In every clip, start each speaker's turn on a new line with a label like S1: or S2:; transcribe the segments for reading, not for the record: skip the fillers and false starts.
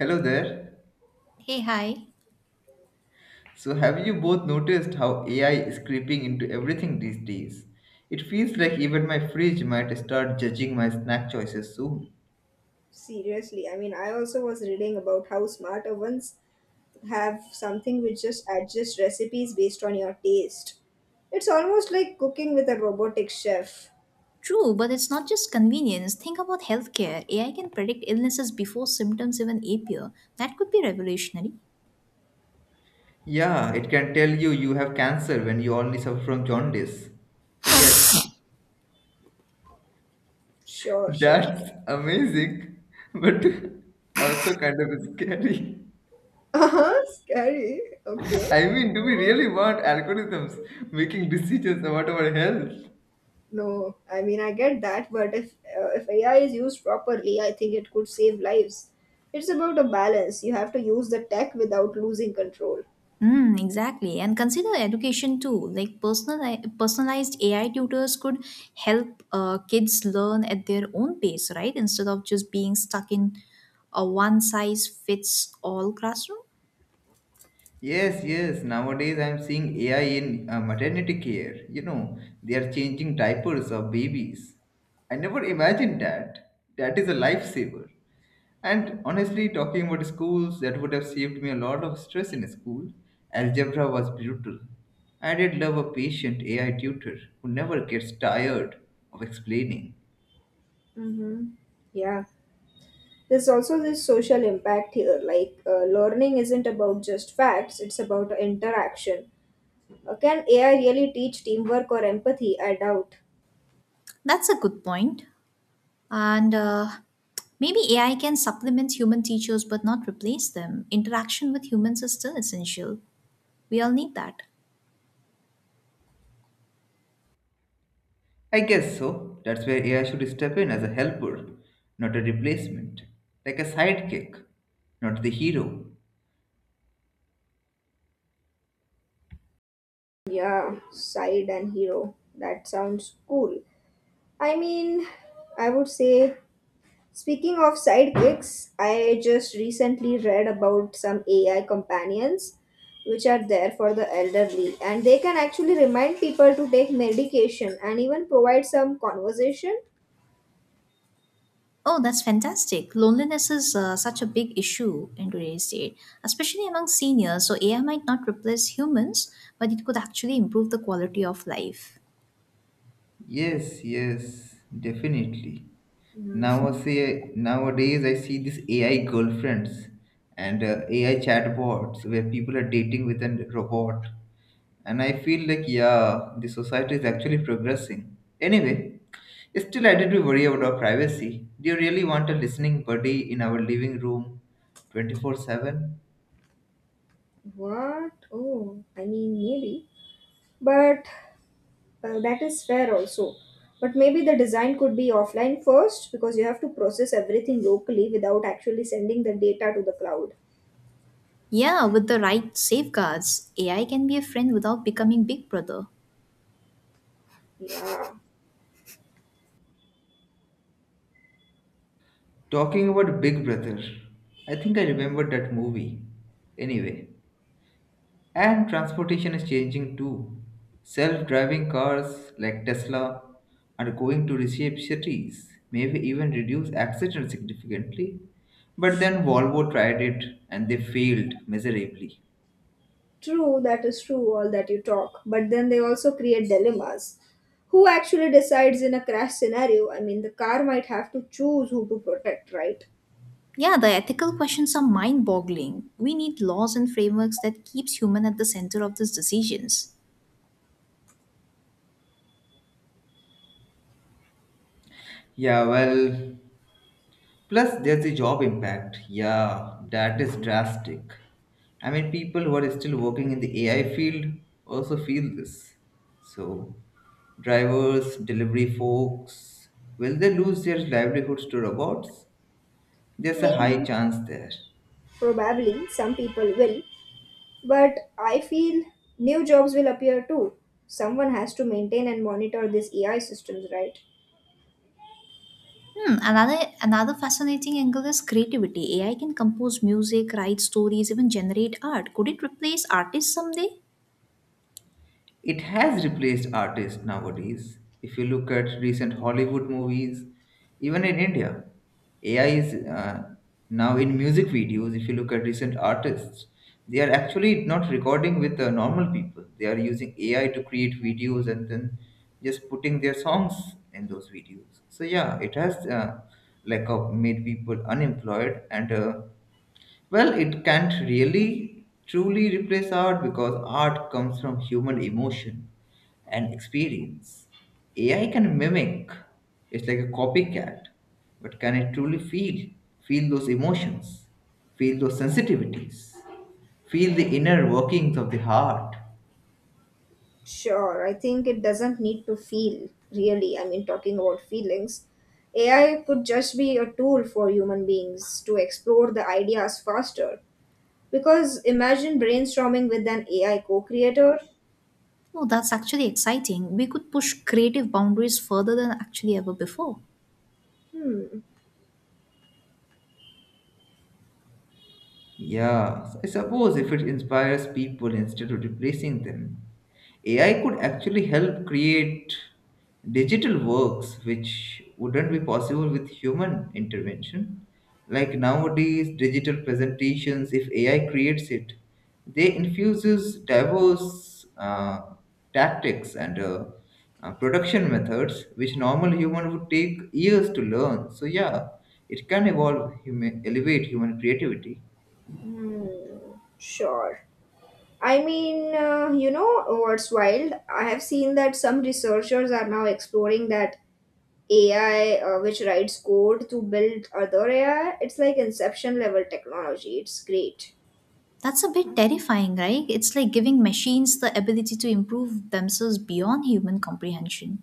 S1: Hello there.
S2: Hey, hi.
S1: So, have you both noticed how AI is creeping into everything these days? It feels like even my fridge might start judging my snack choices soon.
S3: Seriously, I mean, I also was reading about how smart ovens have something which just adjusts recipes based on your taste. It's almost like cooking with a robotic chef.
S2: True, but it's not just convenience. Think about healthcare. AI can predict illnesses before symptoms even appear. That could be revolutionary.
S1: Yeah, it can tell you you have cancer when you only suffer from jaundice. So, yes,
S3: Sure, sure.
S1: that's amazing, but also kind of scary.
S3: Uh-huh, scary. Okay.
S1: I mean, do we really want algorithms making decisions about our health?
S3: No, I mean, I get that, but if AI is used properly, I think it could save lives. It's about a balance. You have to use the tech without losing control.
S2: Hmm, exactly. And consider education too. Like personalized AI tutors could help kids learn at their own pace, right? Instead of just being stuck in a one size fits all classroom.
S1: Yes, yes. Nowadays, I'm seeing AI in maternity care. You know, they are changing diapers of babies. I never imagined that. That is a lifesaver. And honestly, talking about schools, that would have saved me a lot of stress in school. Algebra was brutal. I did love a patient AI tutor who never gets tired of explaining.
S3: Mm-hmm. Yeah. There's also this social impact here, learning isn't about just facts, it's about interaction. Can AI really teach teamwork or empathy? I doubt.
S2: That's a good point. And Maybe AI can supplement human teachers but not replace them. Interaction with humans is still essential. We all need that.
S1: I guess so. That's where AI should step in as a helper, not a replacement, like a sidekick, not the hero.
S3: Yeah, side and hero. That sounds cool. I mean, I would say, speaking of sidekicks, I just recently read about some AI companions which are there for the elderly and they can actually remind people to take medication and even provide some conversation.
S2: Oh, that's fantastic. Loneliness is such a big issue in today's day, especially among seniors. So, AI might not replace humans, but it could actually improve the quality of life.
S1: Yes, yes, definitely. Now I see, nowadays I see these AI girlfriends and AI chatbots where people are dating with a robot, and I feel like yeah, the society is actually progressing. Anyway, still I did worry about our privacy. Do you really want a listening buddy in our living room, 24/7?
S3: What? Oh, I mean, maybe. But that is fair also. But maybe the design could be offline first because you have to process everything locally without actually sending the data to the cloud.
S2: Yeah, with the right safeguards, AI can be a friend without becoming Big Brother.
S3: Yeah,
S1: Talking about Big Brother, I think I remember that movie. Anyway. And transportation is changing too. Self driving cars like Tesla are going to reshape cities, maybe even reduce accidents significantly. But then Volvo tried it and they failed miserably.
S3: true, that is true, all that you talk. But then they also create dilemmas. Who actually decides in a crash scenario? I mean, the car might have to choose who to protect, right?
S2: Yeah, the ethical questions are mind-boggling. We need laws and frameworks that keeps human at the center of these decisions.
S1: Yeah, well, plus, there's the job impact. Yeah, that is drastic. I mean, people who are still working in the AI field also feel this. So, drivers, delivery folks, will they lose their livelihoods to robots? There's a high
S3: Maybe,
S1: chance there.
S3: probably, some people will, but I feel new jobs will appear too. Someone has to maintain and monitor these AI systems, right?
S2: Hmm, another fascinating angle is creativity. AI can compose music, write stories, even generate art. Could it replace artists someday?
S1: It has replaced artists nowadays. If you look at recent Hollywood movies, even in India, AI is now in music videos. If you look at recent artists, they are actually not recording with the normal people. They are using AI to create videos and then just putting their songs in those videos. So yeah, it has made people unemployed and well, it can't really truly replace art because art comes from human emotion and experience. AI can mimic, it's like a copycat, but can it truly feel? Feel those emotions, feel those sensitivities, feel the inner workings of the heart.
S3: Sure, I think it doesn't need to feel really. I mean, talking about feelings, AI could just be a tool for human beings to explore the ideas faster. Because imagine brainstorming with an AI co creator.
S2: No, that's actually exciting. We could push creative boundaries further than actually ever before.
S3: Hmm,
S1: Yeah, so I suppose if it inspires people instead of replacing them, AI could actually help create digital works which wouldn't be possible with human intervention. Like nowadays, digital presentations, if AI creates it, they infuses diverse tactics and production methods which normal human would take years to learn. So yeah, it can evolve, elevate human creativity.
S3: hmm, sure. I mean, you know what's wild? I have seen that some researchers are now exploring that AI which writes code to build other AI. It's like inception level technology. It's great.
S2: That's a bit terrifying, right? It's like giving machines the ability to improve themselves beyond human comprehension.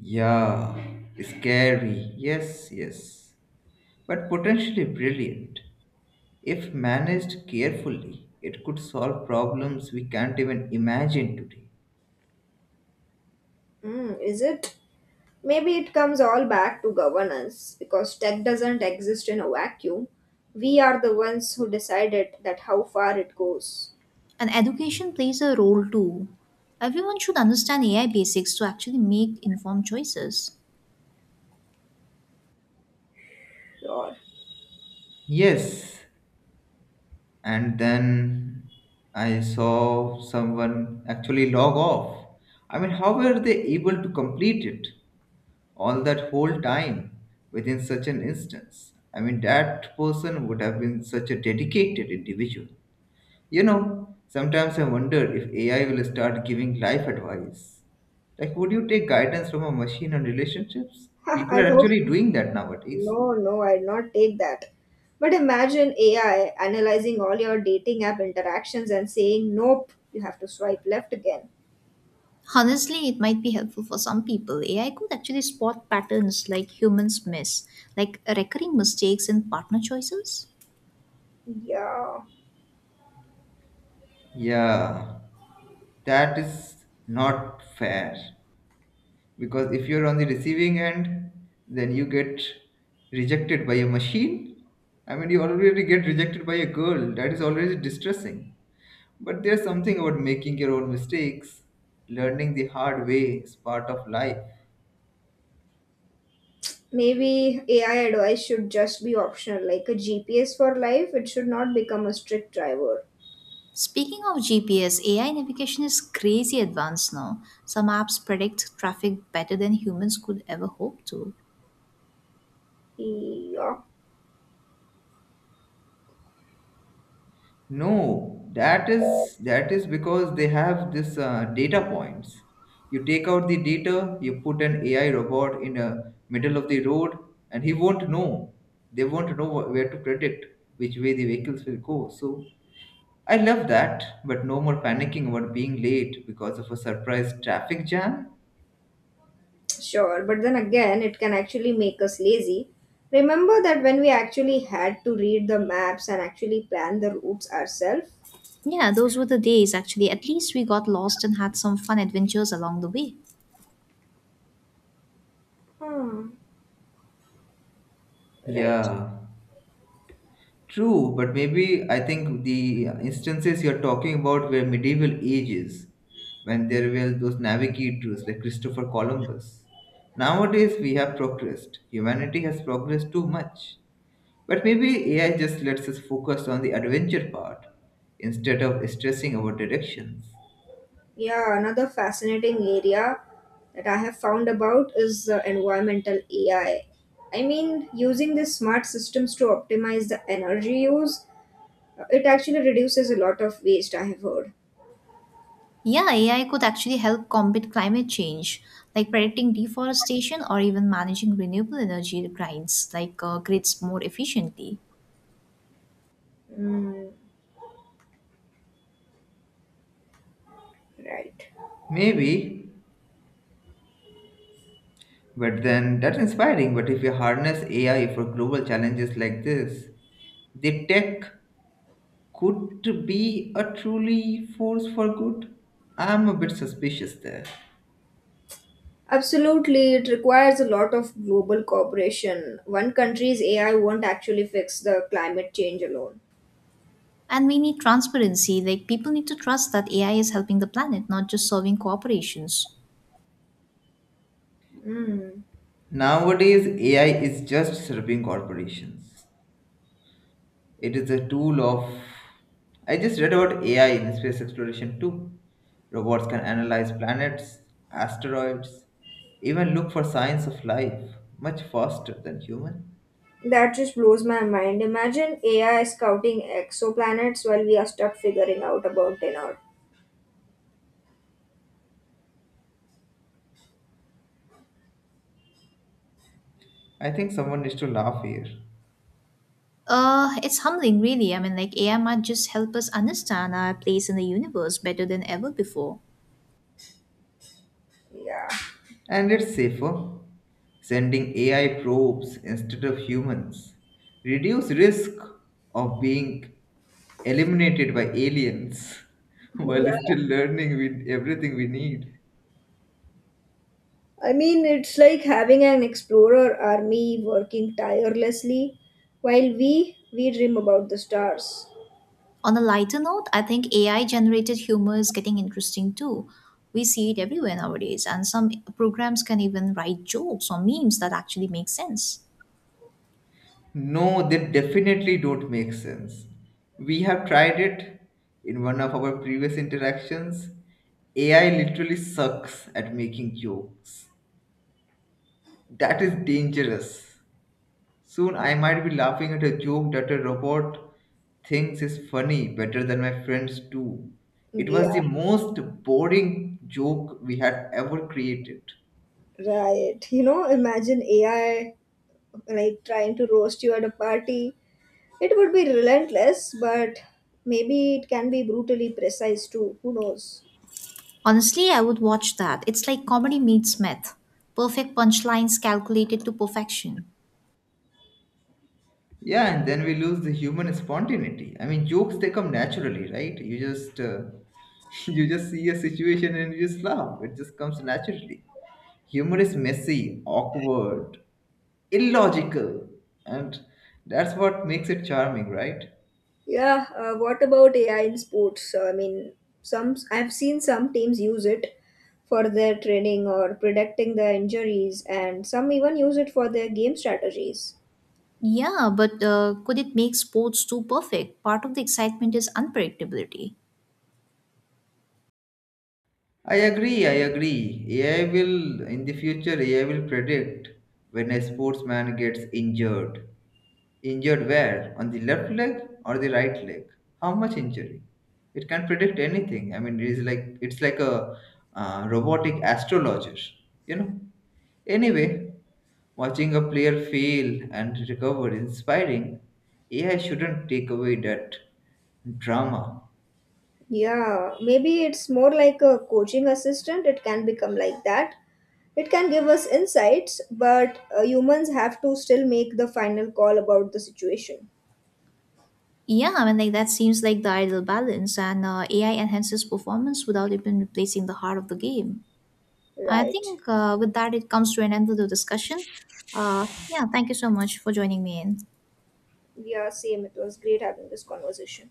S1: Yeah, scary. Yes, yes. But potentially brilliant. If managed carefully, it could solve problems we can't even imagine today.
S3: Mm, is it? Maybe it comes all back to governance because tech doesn't exist in a vacuum. We are the ones who decided that how far it goes.
S2: And education plays a role too. Everyone should understand AI basics to actually make informed choices.
S3: Lord.
S1: Yes, and then I saw someone actually log off. I mean, how were they able to complete it all that whole time within such an instance? I mean, that person would have been such a dedicated individual. You know, sometimes I wonder if AI will start giving life advice. Like, would you take guidance from a machine on relationships? People
S3: I
S1: are
S3: hope
S1: actually doing that nowadays.
S3: no, no, I'd not take that. But imagine AI analyzing all your dating app interactions and saying, nope, you have to swipe left again.
S2: Honestly, it might be helpful for some people. AI could actually spot patterns like humans miss, like recurring mistakes in partner choices.
S3: Yeah.
S1: Yeah, that is not fair. Because if you're on the receiving end, then you get rejected by a machine. I mean, you already get rejected by a girl. That is already distressing. But there's something about making your own mistakes. Learning the hard way is part of life.
S3: Maybe AI advice should just be optional, like a GPS for life. It should not become a strict driver.
S2: Speaking of GPS, AI navigation is crazy advanced now. Some apps predict traffic better than humans could ever hope to.
S3: Yeah,
S1: No, that is because they have this data points. You take out the data, you put an AI robot in the middle of the road, and he won't know. They won't know where to predict which way the vehicles will go. So I love that, but no more panicking about being late because of a surprise traffic jam.
S3: sure. But then again, it can actually make us lazy. Remember that when we actually had to read the maps and actually plan the routes ourselves?
S2: Yeah, those were the days actually. At least we got lost and had some fun adventures along the way.
S3: Hmm, right.
S1: Yeah. True, but maybe I think the instances you're talking about were medieval ages when there were those navigators like Christopher Columbus. Nowadays, we have progressed. Humanity has progressed too much. But maybe AI just lets us focus on the adventure part instead of stressing our directions.
S3: Yeah, another fascinating area that I have found about is environmental AI. I mean, using these smart systems to optimize the energy use. It actually reduces a lot of waste, I have heard.
S2: Yeah, AI could actually help combat climate change, like predicting deforestation or even managing renewable energy grids, like grids more efficiently.
S3: Mm, right.
S1: Maybe, but then that's inspiring. But if you harness AI for global challenges like this, the tech could be a truly force for good? I'm a bit suspicious there.
S3: Absolutely, it requires a lot of global cooperation. One country's AI won't actually fix the climate change alone.
S2: And we need transparency, like people need to trust that AI is helping the planet, not just serving corporations.
S3: Mm.
S1: Nowadays, AI is just serving corporations. It is a tool of. I just read about AI in space exploration too. Robots can analyze planets, asteroids, even look for signs of life much faster than human.
S3: That just blows my mind. Imagine AI scouting exoplanets while we are stuck figuring out about in
S1: I think someone needs to laugh here.
S2: It's humbling, really. I mean, like AI might just help us understand our place in the universe better than ever before.
S3: yeah.
S1: And it's safer. Sending AI probes instead of humans. Reduce risk of being eliminated by aliens while still
S3: Yeah.
S1: learning with everything we need.
S3: I mean, it's like having an explorer army working tirelessly while we dream about the stars.
S2: On a lighter note, I think AI generated humor is getting interesting too. We see it everywhere nowadays, and some programs can even write jokes or memes that actually make sense.
S1: No, they definitely don't make sense. We have tried it in one of our previous interactions. AI literally sucks at making jokes. That is dangerous. Soon I might be laughing at a joke that a robot thinks is funny better than my friends do. It
S3: Yeah.
S1: was the most boring joke we had ever created.
S3: Right. You know, imagine AI like trying to roast you at a party. It would be relentless, but maybe it can be brutally precise too. Who knows?
S2: Honestly, I would watch that. It's like comedy meets math. Perfect punchlines calculated to perfection.
S1: Yeah, and then we lose the human spontaneity. I mean, jokes they come naturally, right? You just you just see a situation and you just laugh. It just comes naturally. Humor is messy, awkward, illogical, and that's what makes it charming, right?
S3: Yeah. What about AI in sports? I mean, some I've seen some teams use it for their training or predicting their injuries, and some even use it for their game strategies.
S2: Yeah, but could it make sports too perfect? Part of the excitement is unpredictability.
S1: I agree, I agree. AI will, in the future, AI will predict when a sportsman gets injured. Injured where? On the left leg or the right leg? How much injury? It can predict anything. I mean, it's like a robotic astrologer, you know. Anyway, watching a player fail and recover is inspiring. AI shouldn't take away that drama.
S3: Yeah, maybe it's more like a coaching assistant. It can become like that. It can give us insights, but humans have to still make the final call about the situation.
S2: Yeah, I mean, like that seems like the ideal balance, and AI enhances performance without even replacing the heart of the game. I
S3: Right.
S2: think with that, it comes to an end to the discussion. Yeah, thank you so much for joining me in.
S3: Yeah, same. It was great having this conversation.